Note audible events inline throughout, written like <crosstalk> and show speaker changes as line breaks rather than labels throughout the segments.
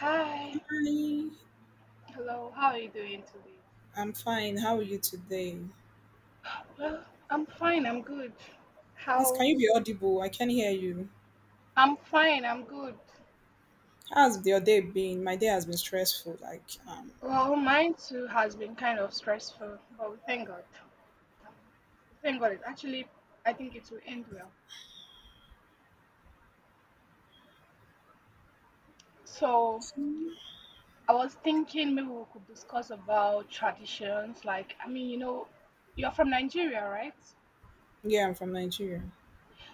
Hi.
Hi,
Hello. How are you doing today?
I'm fine. How are you today?
Well, I'm fine. I'm good.
Please, can you
How?
be audible? I can hear you.
I'm fine. I'm good.
How's your day been? My day has been stressful. Like,
Well, mine too has been kind of stressful, but we thank God. We thank God. I think it will end well. So, I was thinking maybe we could discuss about traditions. Like, I mean, you're from Nigeria, right?
yeah, I'm from Nigeria.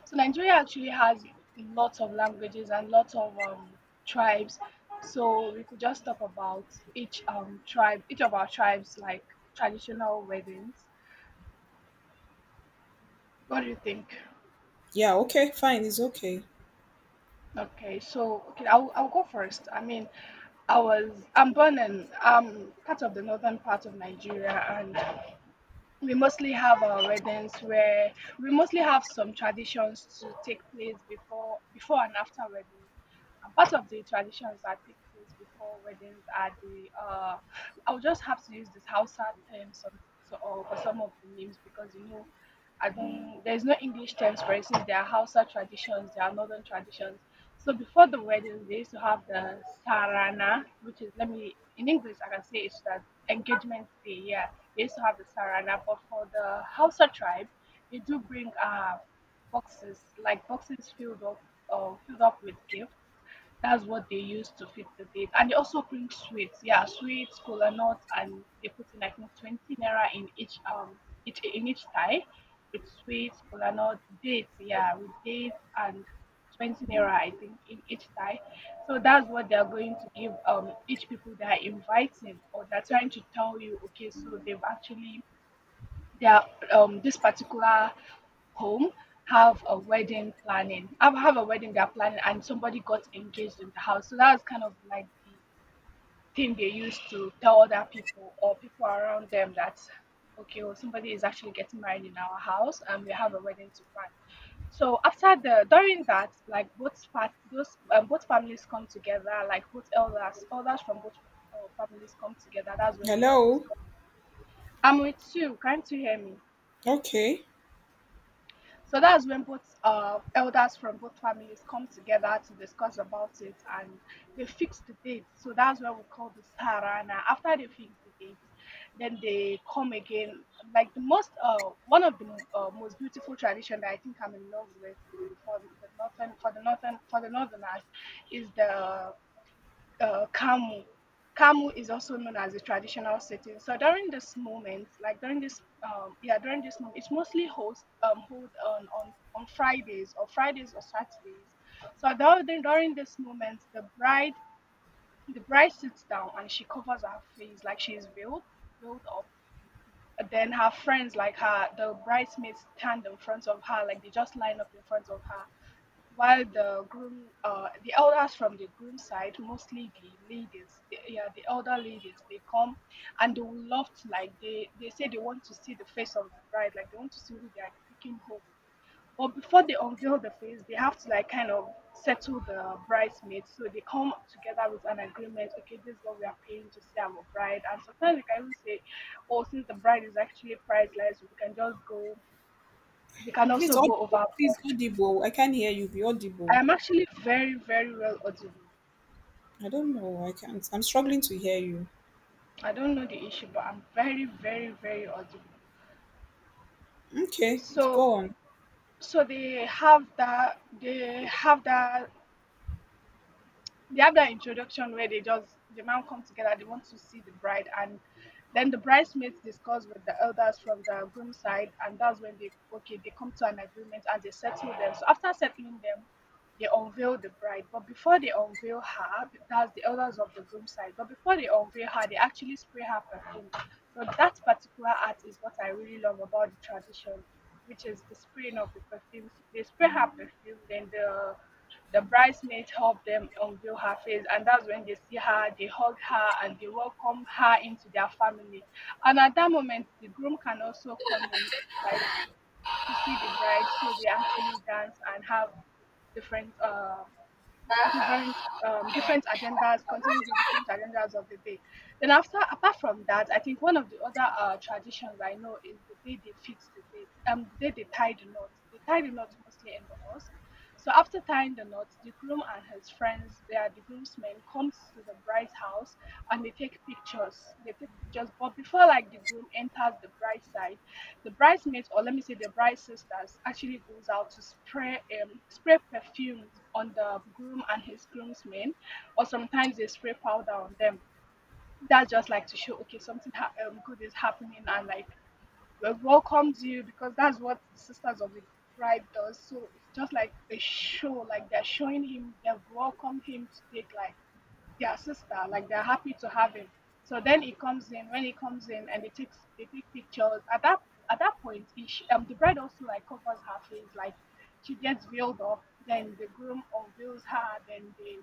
So Nigeria actually has lots of languages and lots of tribes. So we could just talk about each tribe, each of our tribes, like traditional weddings. What do you think?
Yeah, okay, fine. It's okay.
Okay, so okay, I'll go first. I mean, I'm born in part of the northern part of Nigeria, and we mostly have our weddings where we mostly have some traditions to take place before and after weddings. And part of the traditions that take place before weddings are the I'll just have to use this Hausa term or for some of the names because you know I don't there's no English terms for it since there are Hausa traditions, there are northern traditions. So before the wedding they used to have the Sarana, which is, let me, in English I can say it's that engagement day, yeah, they used to have the sarana. But for the Hausa tribe, they do bring boxes, like boxes filled up with gifts. That's what they use to fit the date. And they also bring sweets. Yeah, sweets, cola nuts, and they put in I think 20 naira in each in each tie with sweets, cola nuts, dates, yeah, with dates and 20 naira I think in each tie. So that's what they're going to give each people they are inviting, or they're trying to tell you okay, so they've actually, their this particular home have a wedding planning, have a wedding they're planning and somebody got engaged in the house. So that was kind of like the thing they used to tell other people or people around them that okay, well, somebody is actually getting married in our house and we have a wedding to plan. So after the, during that, like, both part, those both families come together, like both elders, elders from both families come together. That's when they now
Hello?
discuss. I'm with you. Can't you hear me?
Okay.
So that's when both elders from both families come together to discuss about it and they fix the date. So that's what we call the Sarana. After they fix the date, then they come again. Like the most, one of the most beautiful tradition that I think I'm in love with for the northern, for the northerners, is the Kamu. Kamu is also known as the traditional setting. So during this moment, like during this, yeah, during this moment, it's mostly host hold on on Fridays or Fridays or Saturdays. So during this moment, the bride sits down and she covers her face like she is veiled up. And then her friends, like her, the bridesmaids stand in front of her, like they just line up in front of her while the groom, the elders from the groom side, mostly the ladies, the, yeah, the elder ladies, they come and they will love to, like, they say they want to see the face of the bride, like they want to see who they are taking home. But before they unveil the face, they have to like kind of settle the bridesmaids. So they come together with an agreement, okay, this is what we are paying to see our bride. And sometimes we can even say oh, since the bride is actually priceless, we can just go, we can
Please,
also go
audible. Please,
overboard.
audible. I can't hear you. Be audible.
I'm actually very, very well audible.
I don't know. I can't. I'm struggling to hear you.
I don't know the issue, but I'm very, very, very audible.
Okay, let's
So,
go on.
so they have that. They have that introduction where they just, the man come together, they want to see the bride, and then the bridesmaids discuss with the elders from the groom side, and that's when they, okay, they come to an agreement and they settle them. So after settling them, they unveil the bride. But before they unveil her, that's the elders of the groom side, but before they unveil her, they actually spray her perfume. So that particular art is what I really love about the tradition, which is the spraying of the perfume. So they spray her perfume, then the bridesmaids help them unveil her face. And that's when they see her, they hug her, and they welcome her into their family. And at that moment the groom can also come in, like, to see the bride. So they actually dance and have different different different agendas, continuing the different agendas of the day. Then after, apart from that, I think one of the other traditions I know is the day they fix the day they tie the knot. They tie the knot mostly in the mosque. So after tying the knot, the groom and his friends, they are the groomsmen, comes to the bride's house and they take pictures. They take pictures, but before, like, the groom enters the bride's side, the bridesmaids, or let me say the bride sisters, actually goes out to spray, spray perfume on the groom and his groomsmen, or sometimes they spray powder on them. That's just like to show okay, something good is happening and like we welcomes you, because that's what the Sisters of the Bride does. So it's just like a show, like they're showing him they've welcomed him to take, like, their sister, like they're happy to have him. So then he comes in. When he comes in, and they take pictures. At that point, the bride also, like, covers her face, like she gets veiled up. Then the groom unveils her. Then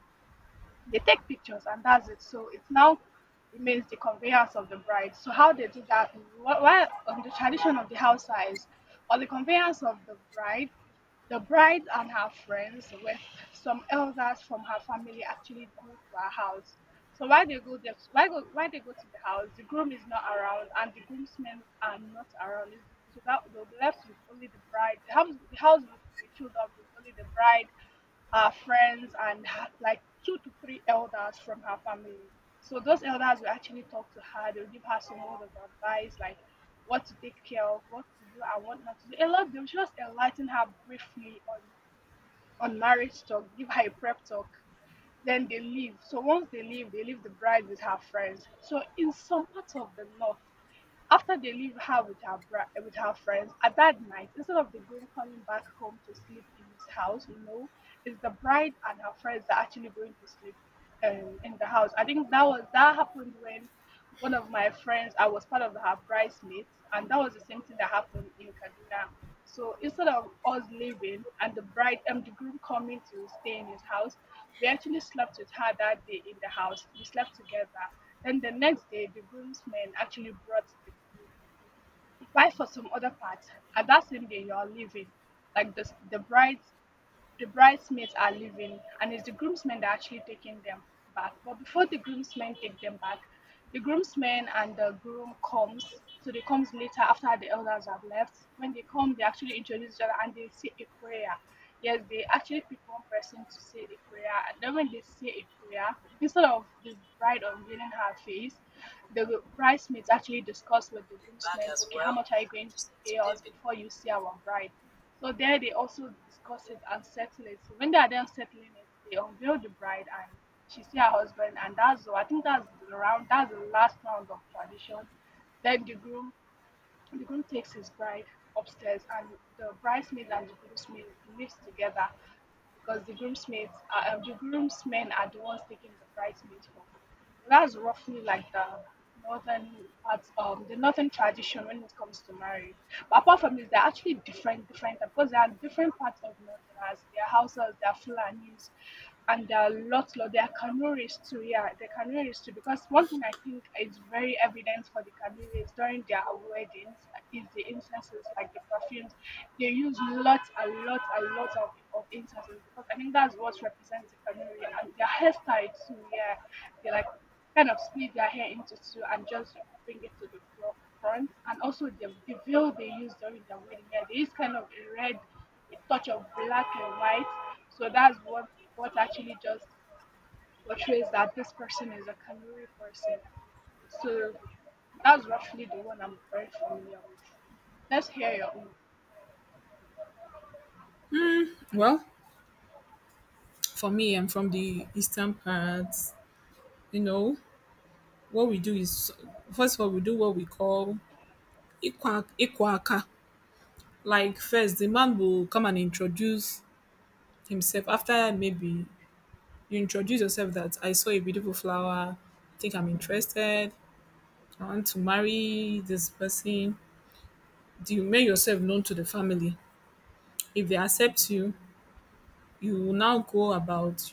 they take pictures and that's it. So it now remains the conveyance of the bride. So how they do that, while on the tradition of the house is on the conveyance of the bride and her friends with some elders from her family actually go to her house. So while they go there, why they go to the house, the groom is not around and the groomsmen are not around. It's- So that they'll be left with only the bride. The house will be filled up with only the bride, her friends, and her, like, two to three elders from her family. So those elders will actually talk to her. They'll give her some word of advice, like what to take care of, what to do, and what not to do. A lot. They'll just enlighten her briefly on marriage talk, give her a prep talk. Then they leave. So once they leave the bride with her friends. So in some parts of the north, after they leave her with her with her friends, at that night, instead of the groom coming back home to sleep in his house, no, it's the bride and her friends that are actually going to sleep in the house. I think that was, that happened when one of my friends, I was part of her bridesmaids, and that was the same thing that happened in Kaduna. So instead of us leaving and the bride and the groom coming to stay in his house, we actually slept with her that day in the house. We slept together. Then the next day, the groomsmen actually brought the groom. Why, for some other parts, and that same day you are leaving, like the bride, the bridesmaids are leaving, and it's the groomsmen that are actually taking them back. But before the groomsmen take them back, the groomsmen and the groom comes. So they comes later after the elders have left. When they come, they actually introduce each other and they say a prayer. Yes, they actually pick one person to say a prayer. And then when they say a prayer, instead of the bride unveiling her face, the bridesmaids actually discuss with the groomsmen, okay, how much are you going to pay us before you see our bride? So there they also discuss it and settle it. So when they are done settling it, they unveil the bride and she see her husband and that's all. I think that's the round, that's the last round of tradition. Then the groom takes his bride upstairs, and the bridesmaids and the groomsmen lives together, because the groomsmaids are, the groomsmen are the ones taking the bridesmaids home. So that's roughly like the northern parts, the northern tradition when it comes to marriage. But apart from this, they're actually different, because there are different parts of Northerners. There are Hausas, there are Fulanis, and there are lots, lot. There are Kanuris too. Yeah, the Kanuris too. Because one thing I think is very evident for the Kanuris during their weddings is the incenses, like the perfumes. They use a lot of incenses because I think that's what represents the Kanuri, and their hairstyle too. Yeah, they like kind of split their hair into two and just bring it to the front. And also the veil they use during their wedding, yeah, there is kind of a red, a touch of black and white. So that's what actually just portrays that this person is a Kanuri person. So that's roughly the one I'm very familiar with. Let's hear your own.
Well, for me, I'm from the eastern part. You know, what we do is, first of all, we do what we call ikwa ikwa. Like, first, the man will come and introduce himself, after maybe you introduce yourself that I saw a beautiful flower, I think I'm interested, I want to marry this person. Do you make yourself known to the family? If they accept you, you will now go about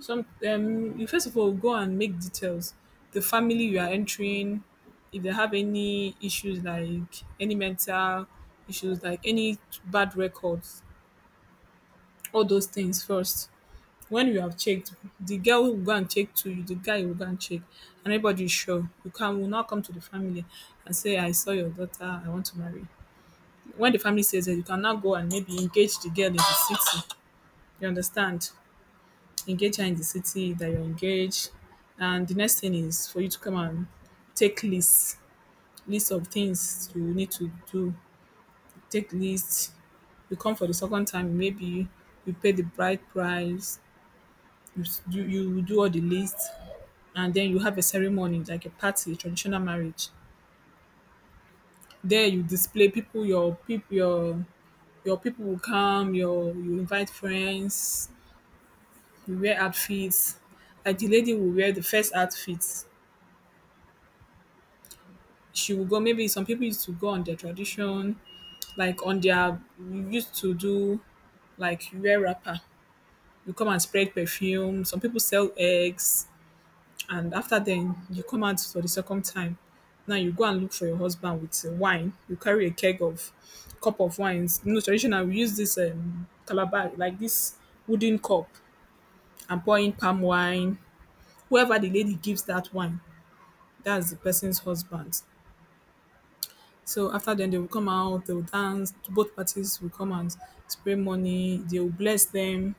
some, you first of all go and make details. The family you are entering, if they have any issues like any mental issues, like any bad records, all those things first. When you have checked, the girl will go and check to you, the guy will go and check, and everybody is sure. You can will not come to the family and say, I saw your daughter, I want to marry. When the family says that, you can now go and maybe engage the girl in the city. You understand? Engage her in the city that you're engaged. And the next thing is for you to come and take list, list of things you need to do. Take list. You come for the second time, maybe you pay the bride price. You do all the list, and then you have a ceremony like a party, traditional marriage. There you display people, your people, your people will come. You invite friends. You wear outfits. Like, the lady will wear the first outfit. She will go. Maybe some people used to go on their tradition, like on their you used to do, like you wear wrapper. You come and spread perfume. Some people sell eggs. And after then, you come out for the second time. Now you go and look for your husband with wine. You carry a keg of cup of wines. You know, traditional we use this calabar, like this wooden cup, and pour in palm wine. Whoever the lady gives that wine, that's the person's husband. So after then, they will come out. They will dance. Both parties will come and spray money. They will bless them,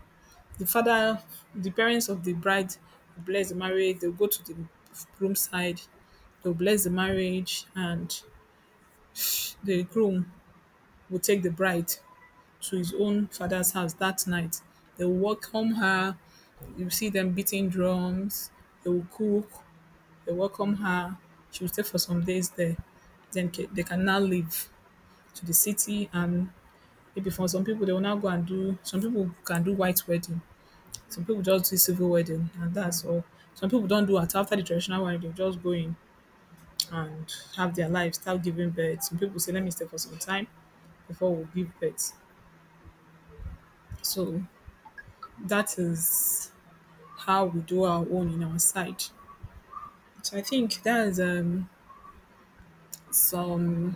the father, the parents of the bride will bless the marriage. They'll go to the groom's side. They'll bless the marriage, and the groom will take the bride to his own father's house that night. They'll welcome her. You see them beating drums. They will cook. They welcome her. She will stay for some days there. Then they can now leave to the city, and maybe for some people they will now go and do. Some people can do white wedding. Some people just do civil wedding, and that's all. Some people don't do it. After the traditional wedding, they just go in and have their life, start giving birth. Some people say, let me stay for some time before we give birth. So that is how we do our own in our side. So I think that's some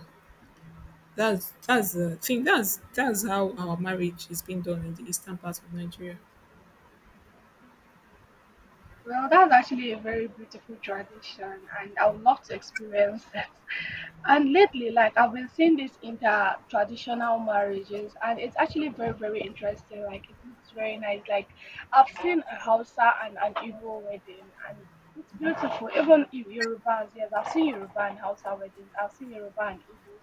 that's the thing that's how our marriage is being done in the eastern part of Nigeria.
Well, that's actually a very beautiful tradition, and I would love to experience it. <laughs> And lately, like, I've been seeing these inter-traditional marriages, and it's actually very, very interesting. Like, it looks very nice. Like, I've seen a Hausa and an Igbo wedding, and it's beautiful. Even if Yorubas, yes, I've seen Yoruba and Hausa weddings. I've seen Yoruba and Igbos.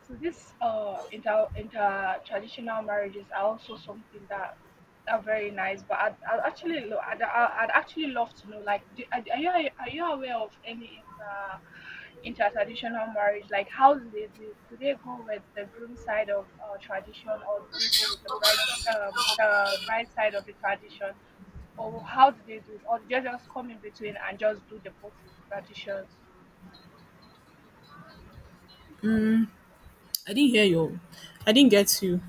So this inter-traditional marriages are also something that. Oh, very nice. But I'd actually, I'd actually love to know, like, are you aware of any inter-traditional marriage? Like, how do they do? Do they go with the groom side of tradition, or do they go with the bride side of the tradition, or how do they do it? Or do they just come in between and just do the both traditions?
I didn't hear your I didn't get you.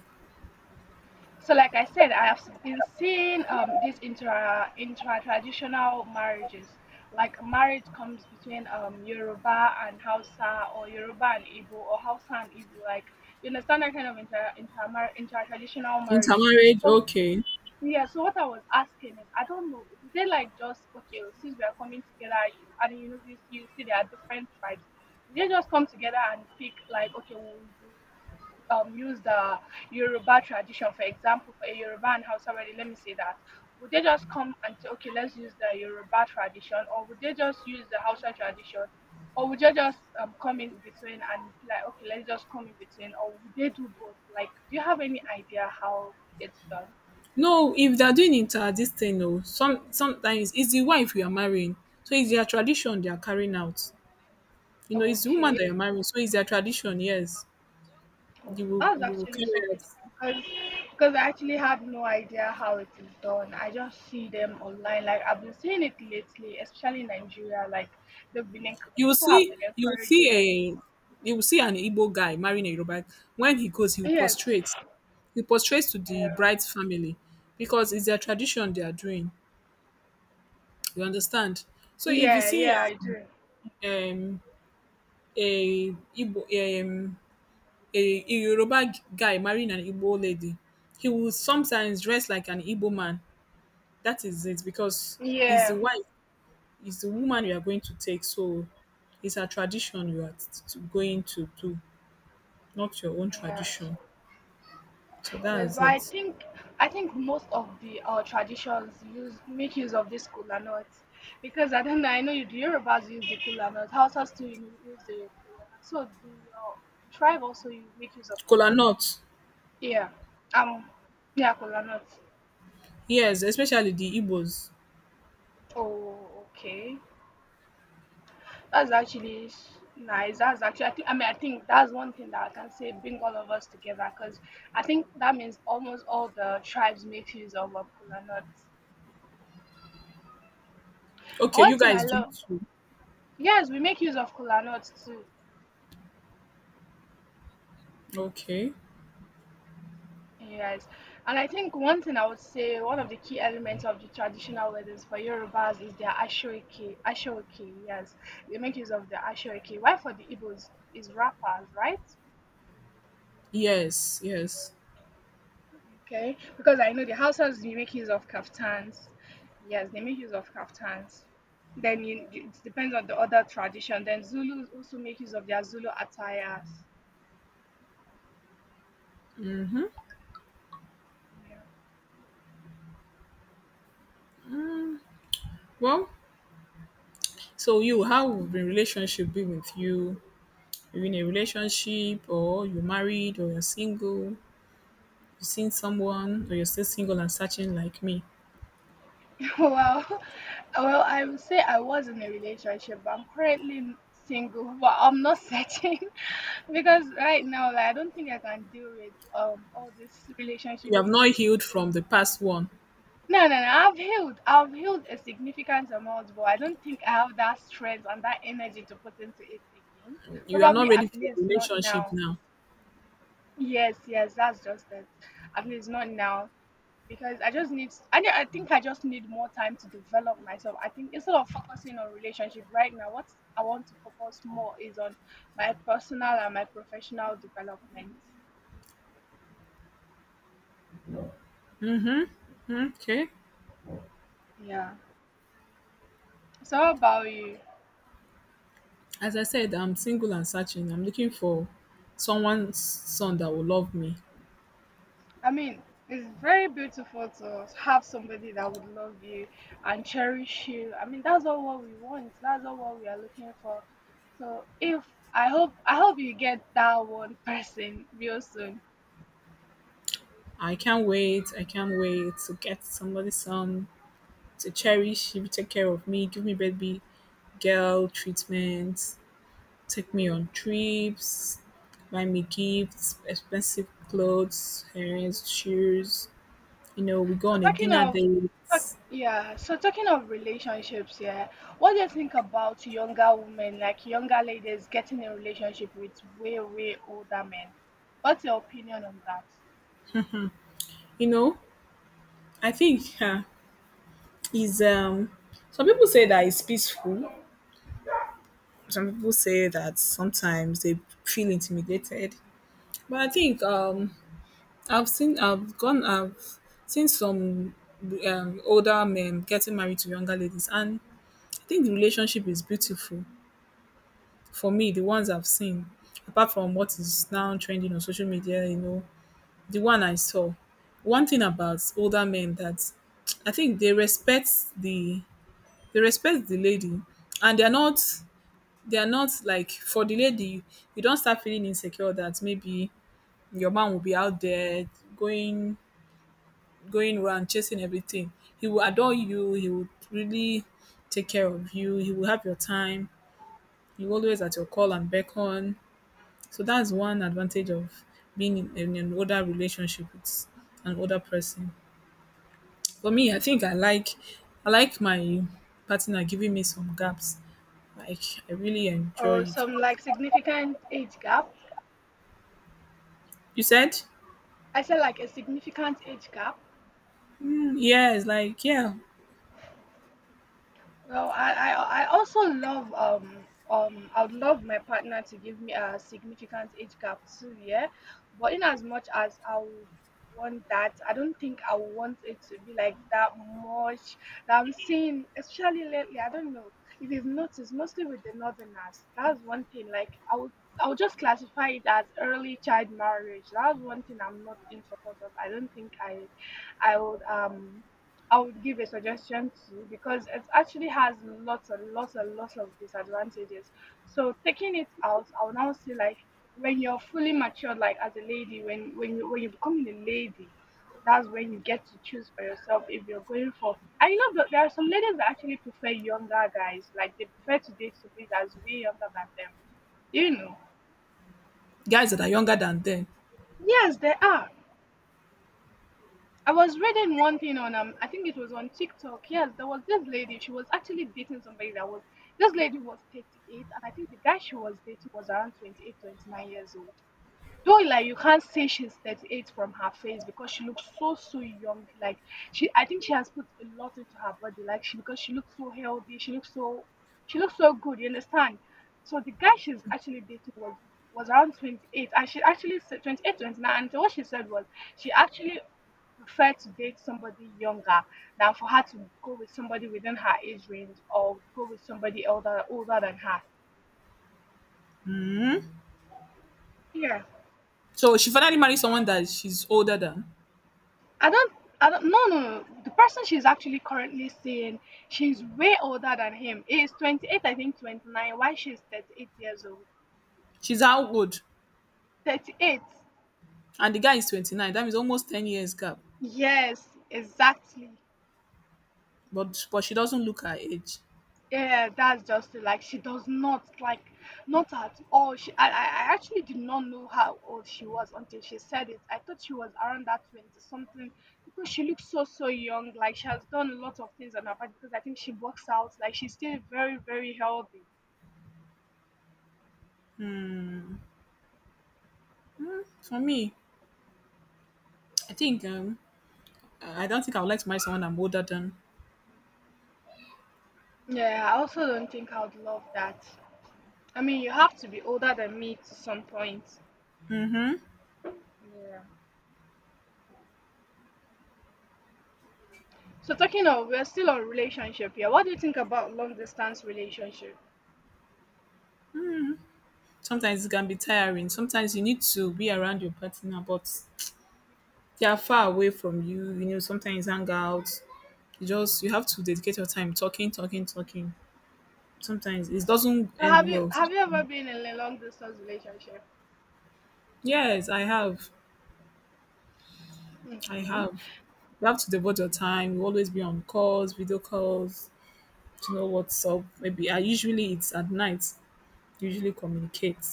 So, like I said, I have been seeing these intra traditional marriages, like marriage comes between Yoruba and Hausa, or Yoruba and Igbo, or Hausa and Igbo. Like, you understand that kind of intra traditional marriages.
Intermarriage,
So
okay.
yeah, so what I was asking is, I don't know, do they like just, okay, since we are coming together and you know, you see there are different tribes, do they just come together and pick, like, okay, we'll do, use the Yoruba tradition, for example, for a Yoruba and Hausa already, let me say that. Would they just come and say, okay, let's use the Yoruba tradition, or would they just use the Hausa tradition, or would they just come in between and be like, okay, let's just come in between, or would they do both? Like, do you have any idea how it's done?
No, if they are doing inter this thing, oh, sometimes it's the wife you are marrying. So it's their tradition they are carrying out. You know, it's the woman
Okay.
that you're marrying, so it's their tradition, yes.
Oh,
You
that was
will you will
actually
carry
so
out.
beautiful because I actually have no idea how it is done. I just see them online. Like, I've been seeing it lately, especially in Nigeria. Like, they've been
You will
people have
see
been
you will see
encouraging
an Igbo guy marrying a Yoruba. When he goes, he will
it. Yes.
prostrate. He prostrates to the
Yeah.
bride's family because it's their tradition they are doing. You understand? So if you
Yeah.
see
Yeah. I do.
um, um a Igbo um a Yoruba guy marrying an Igbo lady, he will sometimes dress like an Igbo man. That is it because he's the
Yeah.
wife, he's the woman you are going to take. So it's a tradition you are going to do, not your own
Yeah.
tradition. So that
Yes,
is
but I
it.
think I think most of the traditions use make use of this kola nut because I don't know. I know you, the Yorubas use the kola nut. Hausas too you use the kola nut. So do your tribe also you make use of kola?
Kola
Nut?
nut.
Yeah. Um. Yeah, kola nut.
Yes, especially the Igbos.
Oh, okay. That's actually nice. That's actually. Think I mean, I think that's one thing that I can say bring all of us together because I think that means almost all the tribes make use of kola nuts. And
Okay,
one
you
thing
guys
I
do
love.
it too.
Yes, we make use of kola nuts too.
Okay.
Yes. And I think one thing I would say, one of the key elements of the traditional weddings for Yorubas is their ashoeke. Ashoeke, yes. They make use of the ashoeke. Why for the Igbos is wrappers, right?
Yes, yes.
Okay. Because I know the Hausas, they make use of kaftans. Yes, they make use of kaftans. Then you, it depends on the other tradition. Then Zulus also make use of their Zulu attires. Yeah.
Well, so you, how would the relationship be with you? You're in a relationship, or you're married, or you're single. You've seen someone, or you're still single and searching like me.
<laughs> Well, well, I would say I was in a relationship, but I'm currently single. But I'm not searching <laughs> because right now, like, I don't think I can deal with all these
You
relationship
have not
issues.
healed from the past one.
No, no, no. I've healed. I've healed a significant amount, but I don't think I have that strength and that energy to put into it again.
You are not
Probably
ready
at
for a
least not
relationship
now.
now.
Yes, yes, that's just it. At least not now. Because I just need I think I just need more time to develop myself. I think instead of focusing on relationship right now, what I want to focus more is on my personal and my professional development.
Okay.
Yeah. So how about you?
As I said, I'm single and searching. I'm looking for someone's son that will love me.
I mean, it's very beautiful to have somebody that would love you and cherish you. I mean, that's all what we want. That's all what we are looking for. So if I hope you get that one person real soon.
I can't wait. I can't wait to get somebody's son to cherish. He will take care of me, give me baby girl treatment, take me on trips, buy me gifts, expensive clothes, earrings, shoes. You know, we go
So
on a dinner date.
talking of relationships, yeah, what do you think about younger women, like younger ladies getting in relationship with way, way older men? What's your opinion on that?
You know, I think <laughs> is some people say that it's peaceful. Some people say that sometimes they feel intimidated. But I think I've seen some older men getting married to younger ladies, and I think the relationship is beautiful. For me, the ones I've seen, apart from what is now trending on social media, the one I saw, one thing about older men that I think the they respect the lady, and they're not like, for the lady, you don't start feeling insecure that maybe your man will be out there going going around chasing everything. He will adore you. He will really take care of you. He will have your time. He will always at your call and beckon. So that's one advantage of being in an older relationship with an older person. For me, I think I like my partner giving me some gaps. Like, I really enjoy
Or
it.
some like significant age gap?
You said?
I said like a significant age gap.
Mm, yes, like, yeah.
Well, I also love I would love my partner to give me a significant age gap too, yeah. But in as much as I would want that, I don't think I would want it to be like that much that I'm seeing, especially lately. I don't know if you've noticed, mostly with the northerners. That's one thing. Like, I would just classify it as early child marriage. That's one thing I'm not in support of. I don't think I would I would give a suggestion to because it actually has lots and lots and lots of disadvantages. So taking it out, I would now say like when you're fully matured, like as a lady, when you're becoming a lady, that's when you get to choose for yourself if you're going for. And you know there are some ladies that actually prefer younger guys, like they prefer to date somebody that's way younger than them. Do you know,
Guys that are younger than them.
yes, there are. I was reading one thing on I think it was on TikTok. Yes, there was this lady. She was actually dating somebody that was this lady was 38, and I think the guy she was dating was around 28, 29 years old. Though like you can't say she's 38 from her face because she looks so so young. Like, she I think she has put a lot into her body, like she because she looks so healthy, she looks so good, you understand? So the guy she's actually dating was around 28, and she actually said 28 29, and so what she said was she actually preferred to date somebody younger than for her to go with somebody within her age range or go with somebody elder older than her. Yeah.
So she finally married someone that she's older than.
I don't, I don't, no, no, no. The person she's actually currently seeing, she's way older than him. He is 28, I think 29, while she's 38 years old.
She's how old?
38.
And the guy is 29. That means almost 10 years gap.
Yes, exactly.
But she doesn't look her age.
Yeah, that's just it. Like, she does not, like, not at all. I actually did not know how old she was until she said it. I thought she was around that 20 something because she looks so, so young. Like, she has done a lot of things on her part because I think she works out. Like, she's still very, very healthy.
For me, I think I don't think I would like to marry someone I'm older than.
Yeah, I also don't think I would love that. I mean, you have to be older than me to some point. Yeah. So talking of, we're still on relationship here. What do you think about long distance relationship?
Sometimes it can be tiring. Sometimes you need to be around your partner, but they are far away from you. You know, sometimes hang out. You have to dedicate your time talking, talking, talking. Sometimes it doesn't end well.
Have you ever been in a long distance relationship?
Yes, I have. I
Okay.
have. You have to devote your time. You always be on calls, video calls to know what's up. Maybe I usually it's at night. Usually communicate.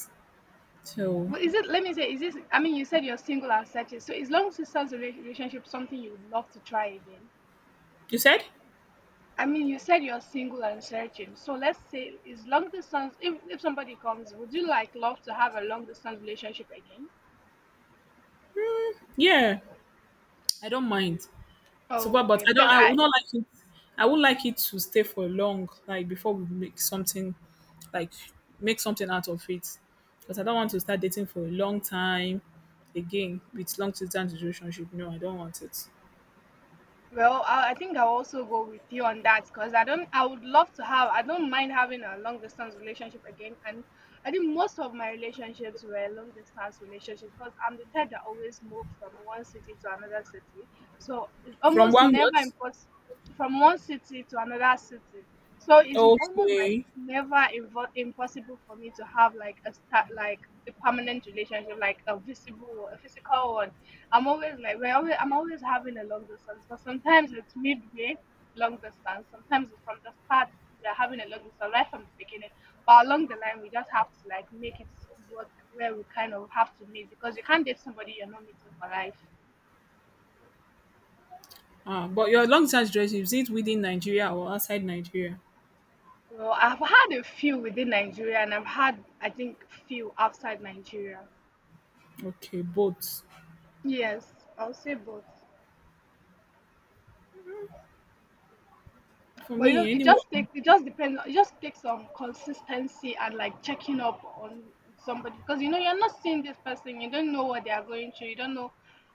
So
Well, is it? Let me say, is this? I mean, you said you're single and searching. So is long distance relationship something you would love to try again?
you said?
I mean, you said you're single and searching. So let's say, is long distance? If somebody comes, would you like love to have a long distance relationship again?
Yeah, I don't mind. Super, but
Okay,
I don't.
because
I
I
would not like it. I would like it to stay for long, like before we make something, like make something out of it, because I don't want to start dating for a long time again with long distance relationship. No, I don't want it.
well, I think I'll also go with you on that because I don't. I would love to have. I don't mind having a long distance relationship again. And I think most of my relationships were long distance relationship because I'm the type that always move from one city to another city. So it's
From
almost
one
never
month,
impossible from one city to another city. So it's almost like
okay.
never impossible for me to have a permanent relationship, like a visible, a physical one. I'm always like we're always, I'm always having a long distance, but sometimes it's midway long distance. Sometimes it's from the start we're having a long distance right from the beginning. But along the line we just have to like make it work where we kind of have to meet because you can't date somebody you're not meeting for life.
Ah, but your long distance relationship, is it within Nigeria or outside Nigeria?
Well, I've had a few within Nigeria and I've had, I think, few outside Nigeria.
Okay, both.
Yes, I'll say both.
For
But you know,
me,
it just
anyone.
takes, it just depends, it just takes some consistency and like checking up on somebody, because you know, you're not seeing this person, you don't know what they are going through, you don't know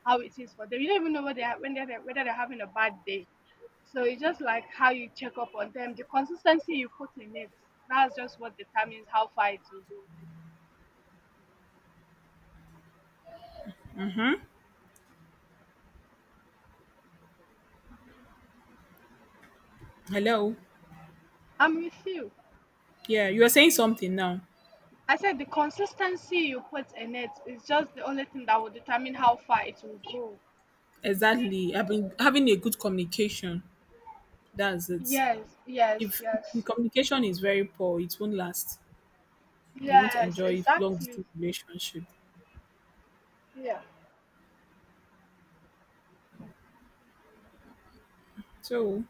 how it is for them, you don't even know whether they are, when they're, whether they're having a bad day, so it's just like how you check up on them, the consistency you put in it, that's just what determines how far it will go.
Hello.
I'm with you.
Yeah, you are saying something now.
I said the consistency you put in it is just the only thing that will determine how far it will go.
Exactly. I've been having a good communication. That's it.
Yes, yes,
If the
yes.
communication is very poor, it won't last. You won't
Yes,
enjoy long
exactly.
distance relationship.
Yeah.
So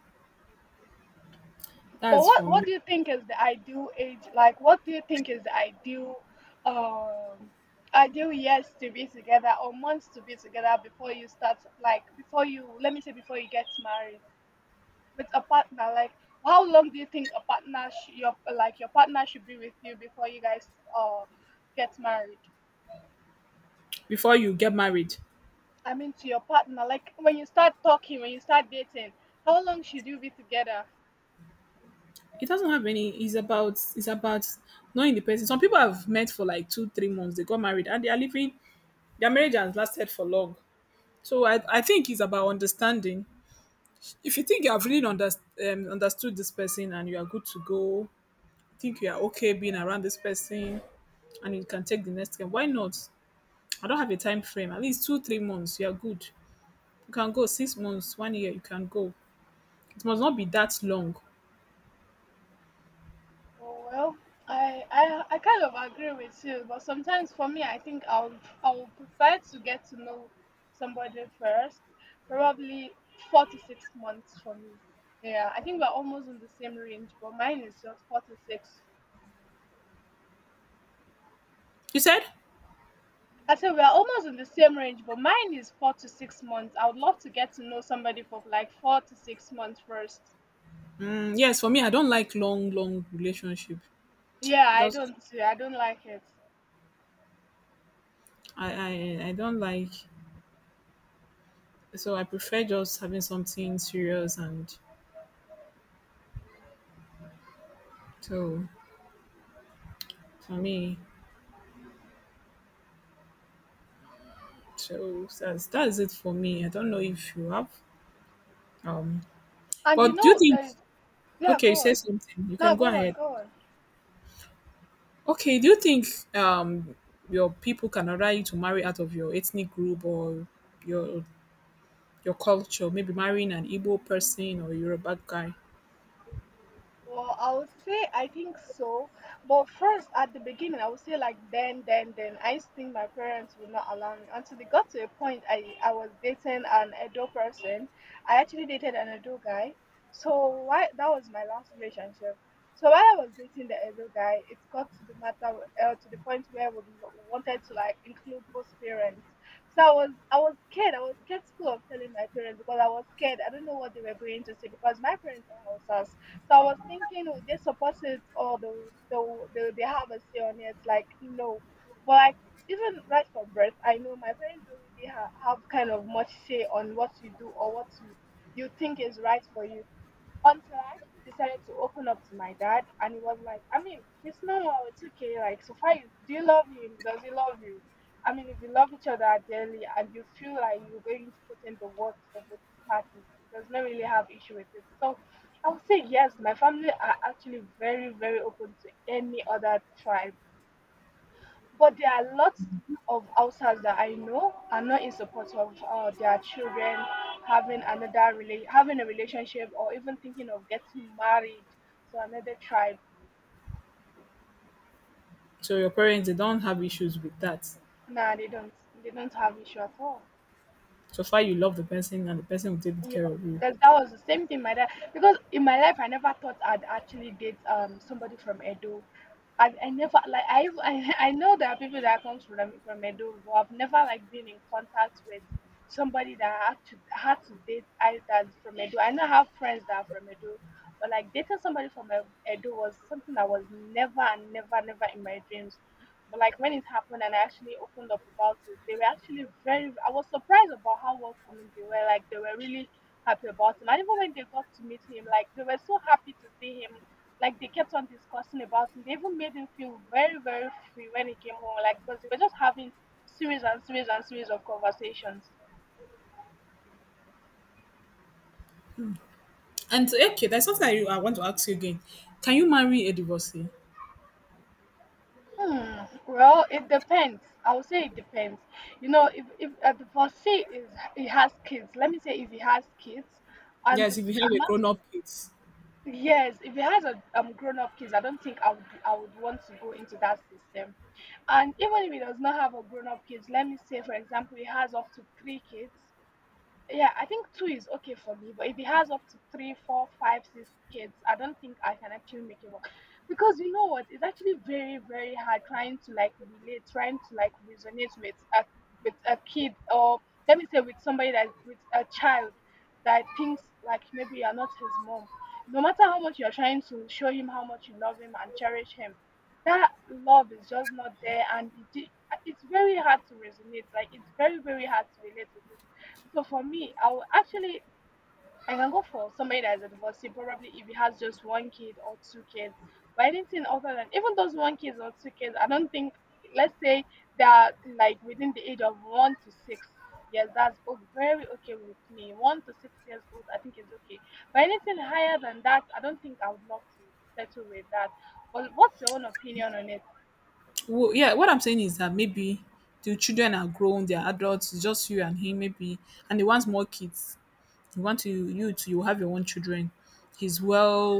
But
that's
what
for me.
what do you think is the ideal age? Like, what do you think is the um ideal years to be together or months to be together, before you start like before you let me say, before you get married with a partner? Like, how long do you think your partner should be with you before you guys uh get married?
Before you get married,
I mean, to your partner, like when you start talking, when you start dating, how long should you be together?
it doesn't have any. It's about knowing the person. Some people have met for like 2 or 3 months. They got married and they are living. Their marriage has lasted for long. So I think it's about understanding. If you think you have really understood this person and you are good to go, think you are okay being around this person and you can take the next step, why not? I don't have a time frame. At least two, 3 months, you're good. You can go 6 months, one year, you can go. It must not be that long.
Oh well, I kind of agree with you, but sometimes for me, I think I'll prefer to get to know somebody first, probably 4 to 6 months for me. Yeah, I think we're almost in the same range, but mine is just four to six.
You said?
I said we're almost in the same range, but mine is 4 to 6 months. I would love to get to know somebody for like 4 to 6 months first.
Mm, yes, for me, I don't like long, long relationship.
Yeah,
It
I
does.
don't, I don't like it.
I don't like. So I prefer just having something serious and so for me. So that's it for me. I don't know if you have. Um,
And you
but do you
know,
think?
yeah,
Okay,
go
you said
on.
something. You
No,
can go
go on,
ahead.
go on.
Okay, do you think um your people can order you to marry out of your ethnic group or your your culture? Maybe marrying an Igbo person or a Yoruba guy.
Well, I would say I think so. But first, at the beginning, I would say, like, then, then. I used to think my parents would not allow me until they got to a point. I was dating an Edo person. I actually dated an Edo guy. So why, that was my last relationship. So while I was dating the Edo guy, it got to the point where we wanted to like include both parents. So I was scared. I was skeptical of telling my parents because I was scared. I don't know what they were going to say because my parents are Hausas. So I was thinking, oh, they support it, or they have a say on it. Like, no, but like, even right from birth, I know my parents don't really have kind of much say on what you do or what you think is right for you, until I actually decided to open up to my dad, and he was like, I mean, it's normal, it's okay. Like, so far, do you love him? Does he love you? I mean, if you love each other dearly and you feel like you're going to put in the work for both parties, it does not really have issue with it. So, I would say yes. My family are actually very, very open to any other tribe, but there are lots of outsiders that I know are not in support of their children having a relationship, or even thinking of getting married to another tribe.
So your parents, they don't have issues with that?
Nah, they don't. They don't have issue at all.
So far you love the person and the person will take good
Yes,
care of you.
because that was the same thing my dad. Because in my life, I never thought I'd actually date somebody from Edo. I never like I <laughs> I know there are people that comes from Edo who I've never like been in contact with, somebody that I had to date, I that's from Edo. I know I have friends that are from Edo, but like, dating somebody from Edo was something that was never, and never, never in my dreams. But like when it happened and I actually opened up about it, they were actually very. I was surprised about how welcoming they were. Like, they were really happy about him. And even when they got to meet him, like they were so happy to see him. Like, they kept on discussing about him. They even made him feel very, very free when he came home. Like, because they were just having series and series and series of conversations.
And okay, there's something I want to ask you again. Can you marry a divorcee?
Hmm. Well, it depends. I would say it depends. You know, if the first say is he has kids. Let me say if he has kids, and the
Yes, if you have a
amount.
grown up kids.
Yes, if it has a grown up kids, I don't think I would want to go into that system. And even if it does not have a grown up kids, let me say, for example, it has up to three kids. Yeah, I think two is okay for me, but if he has up to three, four, five, six kids, I don't think I can actually make it work. Because, you know what? It's actually very, very hard trying to like relate, trying to like resonate with a kid, or let me say, with a child that thinks like maybe you're not his mom. No matter how much you're trying to show him how much you love him and cherish him, that love is just not there, and it's very hard to resonate. Like, it's very, very hard to relate with. So for me, I will actually I can go for somebody that is a divorcee, probably if he has just one kid or two kids. But anything other than even those one kids or two kids, I don't think. Let's say they are like within the age of 1 to 6 years, that's very okay with me. 1 to 6 years old, I think is okay. But anything higher than that, I don't think I would love to settle with that. But what's your own opinion on it?
Well, yeah, what I'm saying is that maybe the children are grown, they're adults, it's just you and him, maybe, and they want more kids. You want to you have your own children, he's well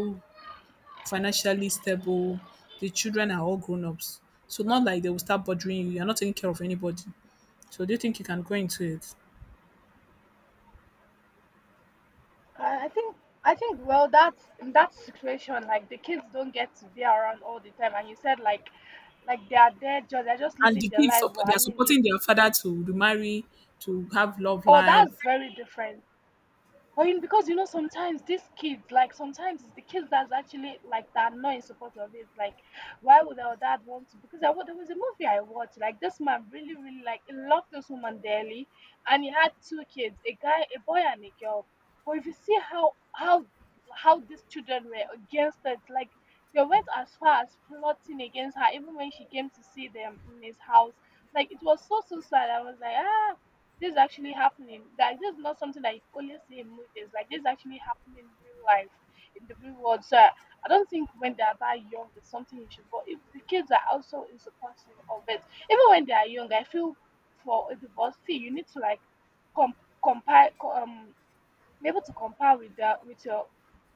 financially stable, the children are all grown-ups, so not like they will start bothering you, you're not taking care of anybody, so do you think you can go into it?
I I think I think well, that's in that situation. Like, the kids don't get to be around all the time, and you said like they're just
And
living
the
their
kids
life.
sup-
Well,
they
I
are
mean,
supporting
is.
their father to be marry, to have love
Oh, that's
life.
very different. I mean, because you know, sometimes these kids, like, sometimes it's the kids that's actually like that are not in support of it. Like, why would our dad want to? Because there was a movie I watched. Like, this man really, really, like, he loved this woman dearly, and he had two kids, a guy, a boy, and a girl. But if you see how these children were against it, like they went as far as plotting against her, even when she came to see them in his house. Like, it was so, so sad. I was like, ah, this is actually happening. Like, this is not something that you only see in movies. Like, this is actually happening in real life, in the real world. So I don't think when they are that young it's something you should. But if the kids are also in support of it, even when they are young, I feel, for a divorcee, you need to like com- compile, be able to compare with their with your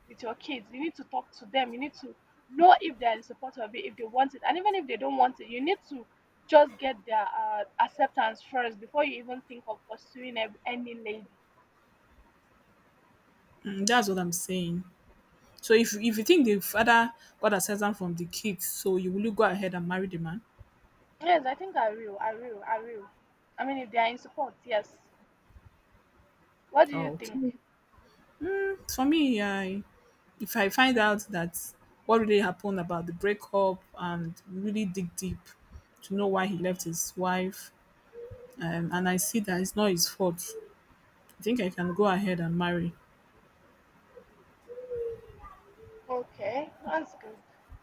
with your kids. You need to talk to them, you need to know if they're in support of it, if they want it, and even if they don't want it, you need to just get their acceptance first, before you even think of pursuing any lady.
Mm, that's what I'm saying. So if you think the father got a them from the kids, so you will you go ahead and marry the man.
Yes, I think I will. I mean, if they are in support, yes. What do you
Oh,
think?
okay. For me, I if I find out that what really happened about the breakup and really dig deep to know why he left his wife, and I see that it's not his fault, I think I can go ahead and marry.
Okay, that's good.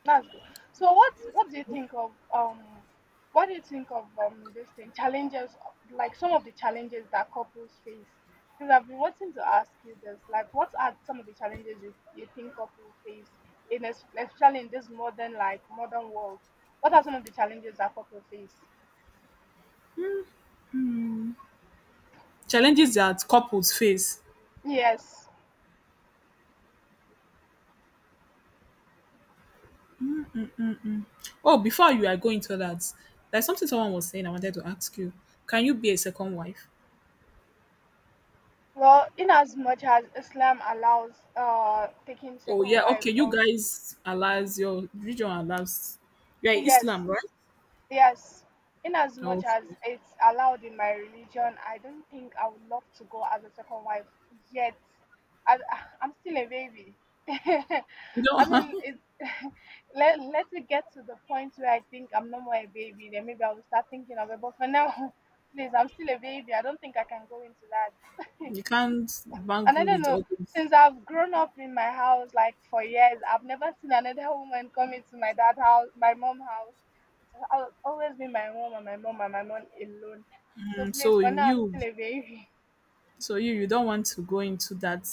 That's good. So what do you think of, this thing, challenges, like some of the challenges that couples face? Because I've been wanting to ask you this, like, what are some of the challenges you think couples face in, especially in this modern world? What are some of the challenges that couples face?
Challenges that couples face.
Yes.
Oh, before you are going to that, there's something someone was saying I wanted to ask you. Can you be a second wife?
Well, in as much as Islam allows taking
Oh
second
yeah,
wife,
okay. You
or
guys allows, your religion allows. You're
yes,
Islam, right?
yes, in as much as
Okay.
it's allowed in my religion, I don't think I would love to go as a second wife yet. I, <laughs> I'm still a baby. <laughs>
You
I mean,
don't.
<laughs> Let it get to the point where I think I'm no more a baby, then maybe I will start thinking of it. But for now, <laughs> please, I'm still a baby. I don't think I can go into that.
<laughs>
<laughs>
You can't
And I
bangle
don't
with
know,
others.
since I've grown up in my house like for years, I've never seen another woman come into my dad house, my mom house. It's always been my mom, and my mom, and my mom alone. So
Mm,
please,
So
for now, I'm
you
still a baby. <laughs>
So you you don't want to go into that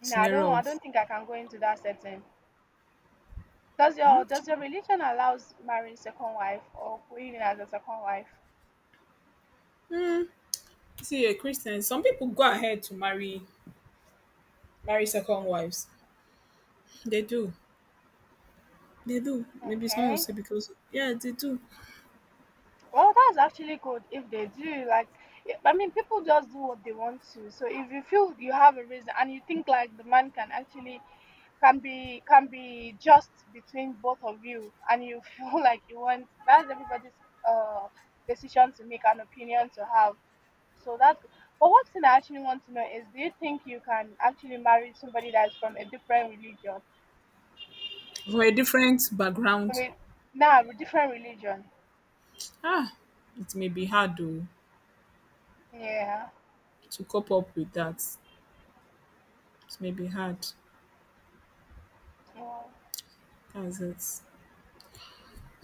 No, I don't.
scenario
I
of,
don't think I can go into that setting. Does your
okay.
does your religion allows marrying second wife or going in as a second wife?
See, a Christian, some people go ahead to marry second wives. They do. They do. Maybe someone will
Okay.
say because, yeah, they do.
Well, that's actually good if they do. Like, yeah, I mean, people just do what they want to. So if you feel you have a reason and you think like the man can be just between both of you, and you <laughs> feel like you want, that's everybody's uh decision to make, an opinion to have. So that's good. But one thing I actually want to know is, do you think you can actually marry somebody that's from a different religion?
From a different
I
background.
mean, nah, a different religion.
Ah, it may be hard though
Yeah.
to cope up with that. It may be hard.
Wow.
That's it.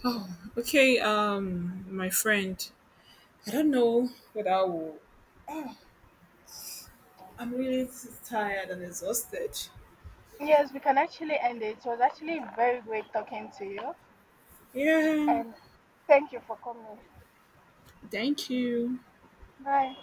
Oh, okay. My friend, I don't know what I will. I'm really tired and exhausted.
Yes, we can actually end it. It was actually very great talking to you,
Yeah.
and thank you for coming.
Thank you.
Bye.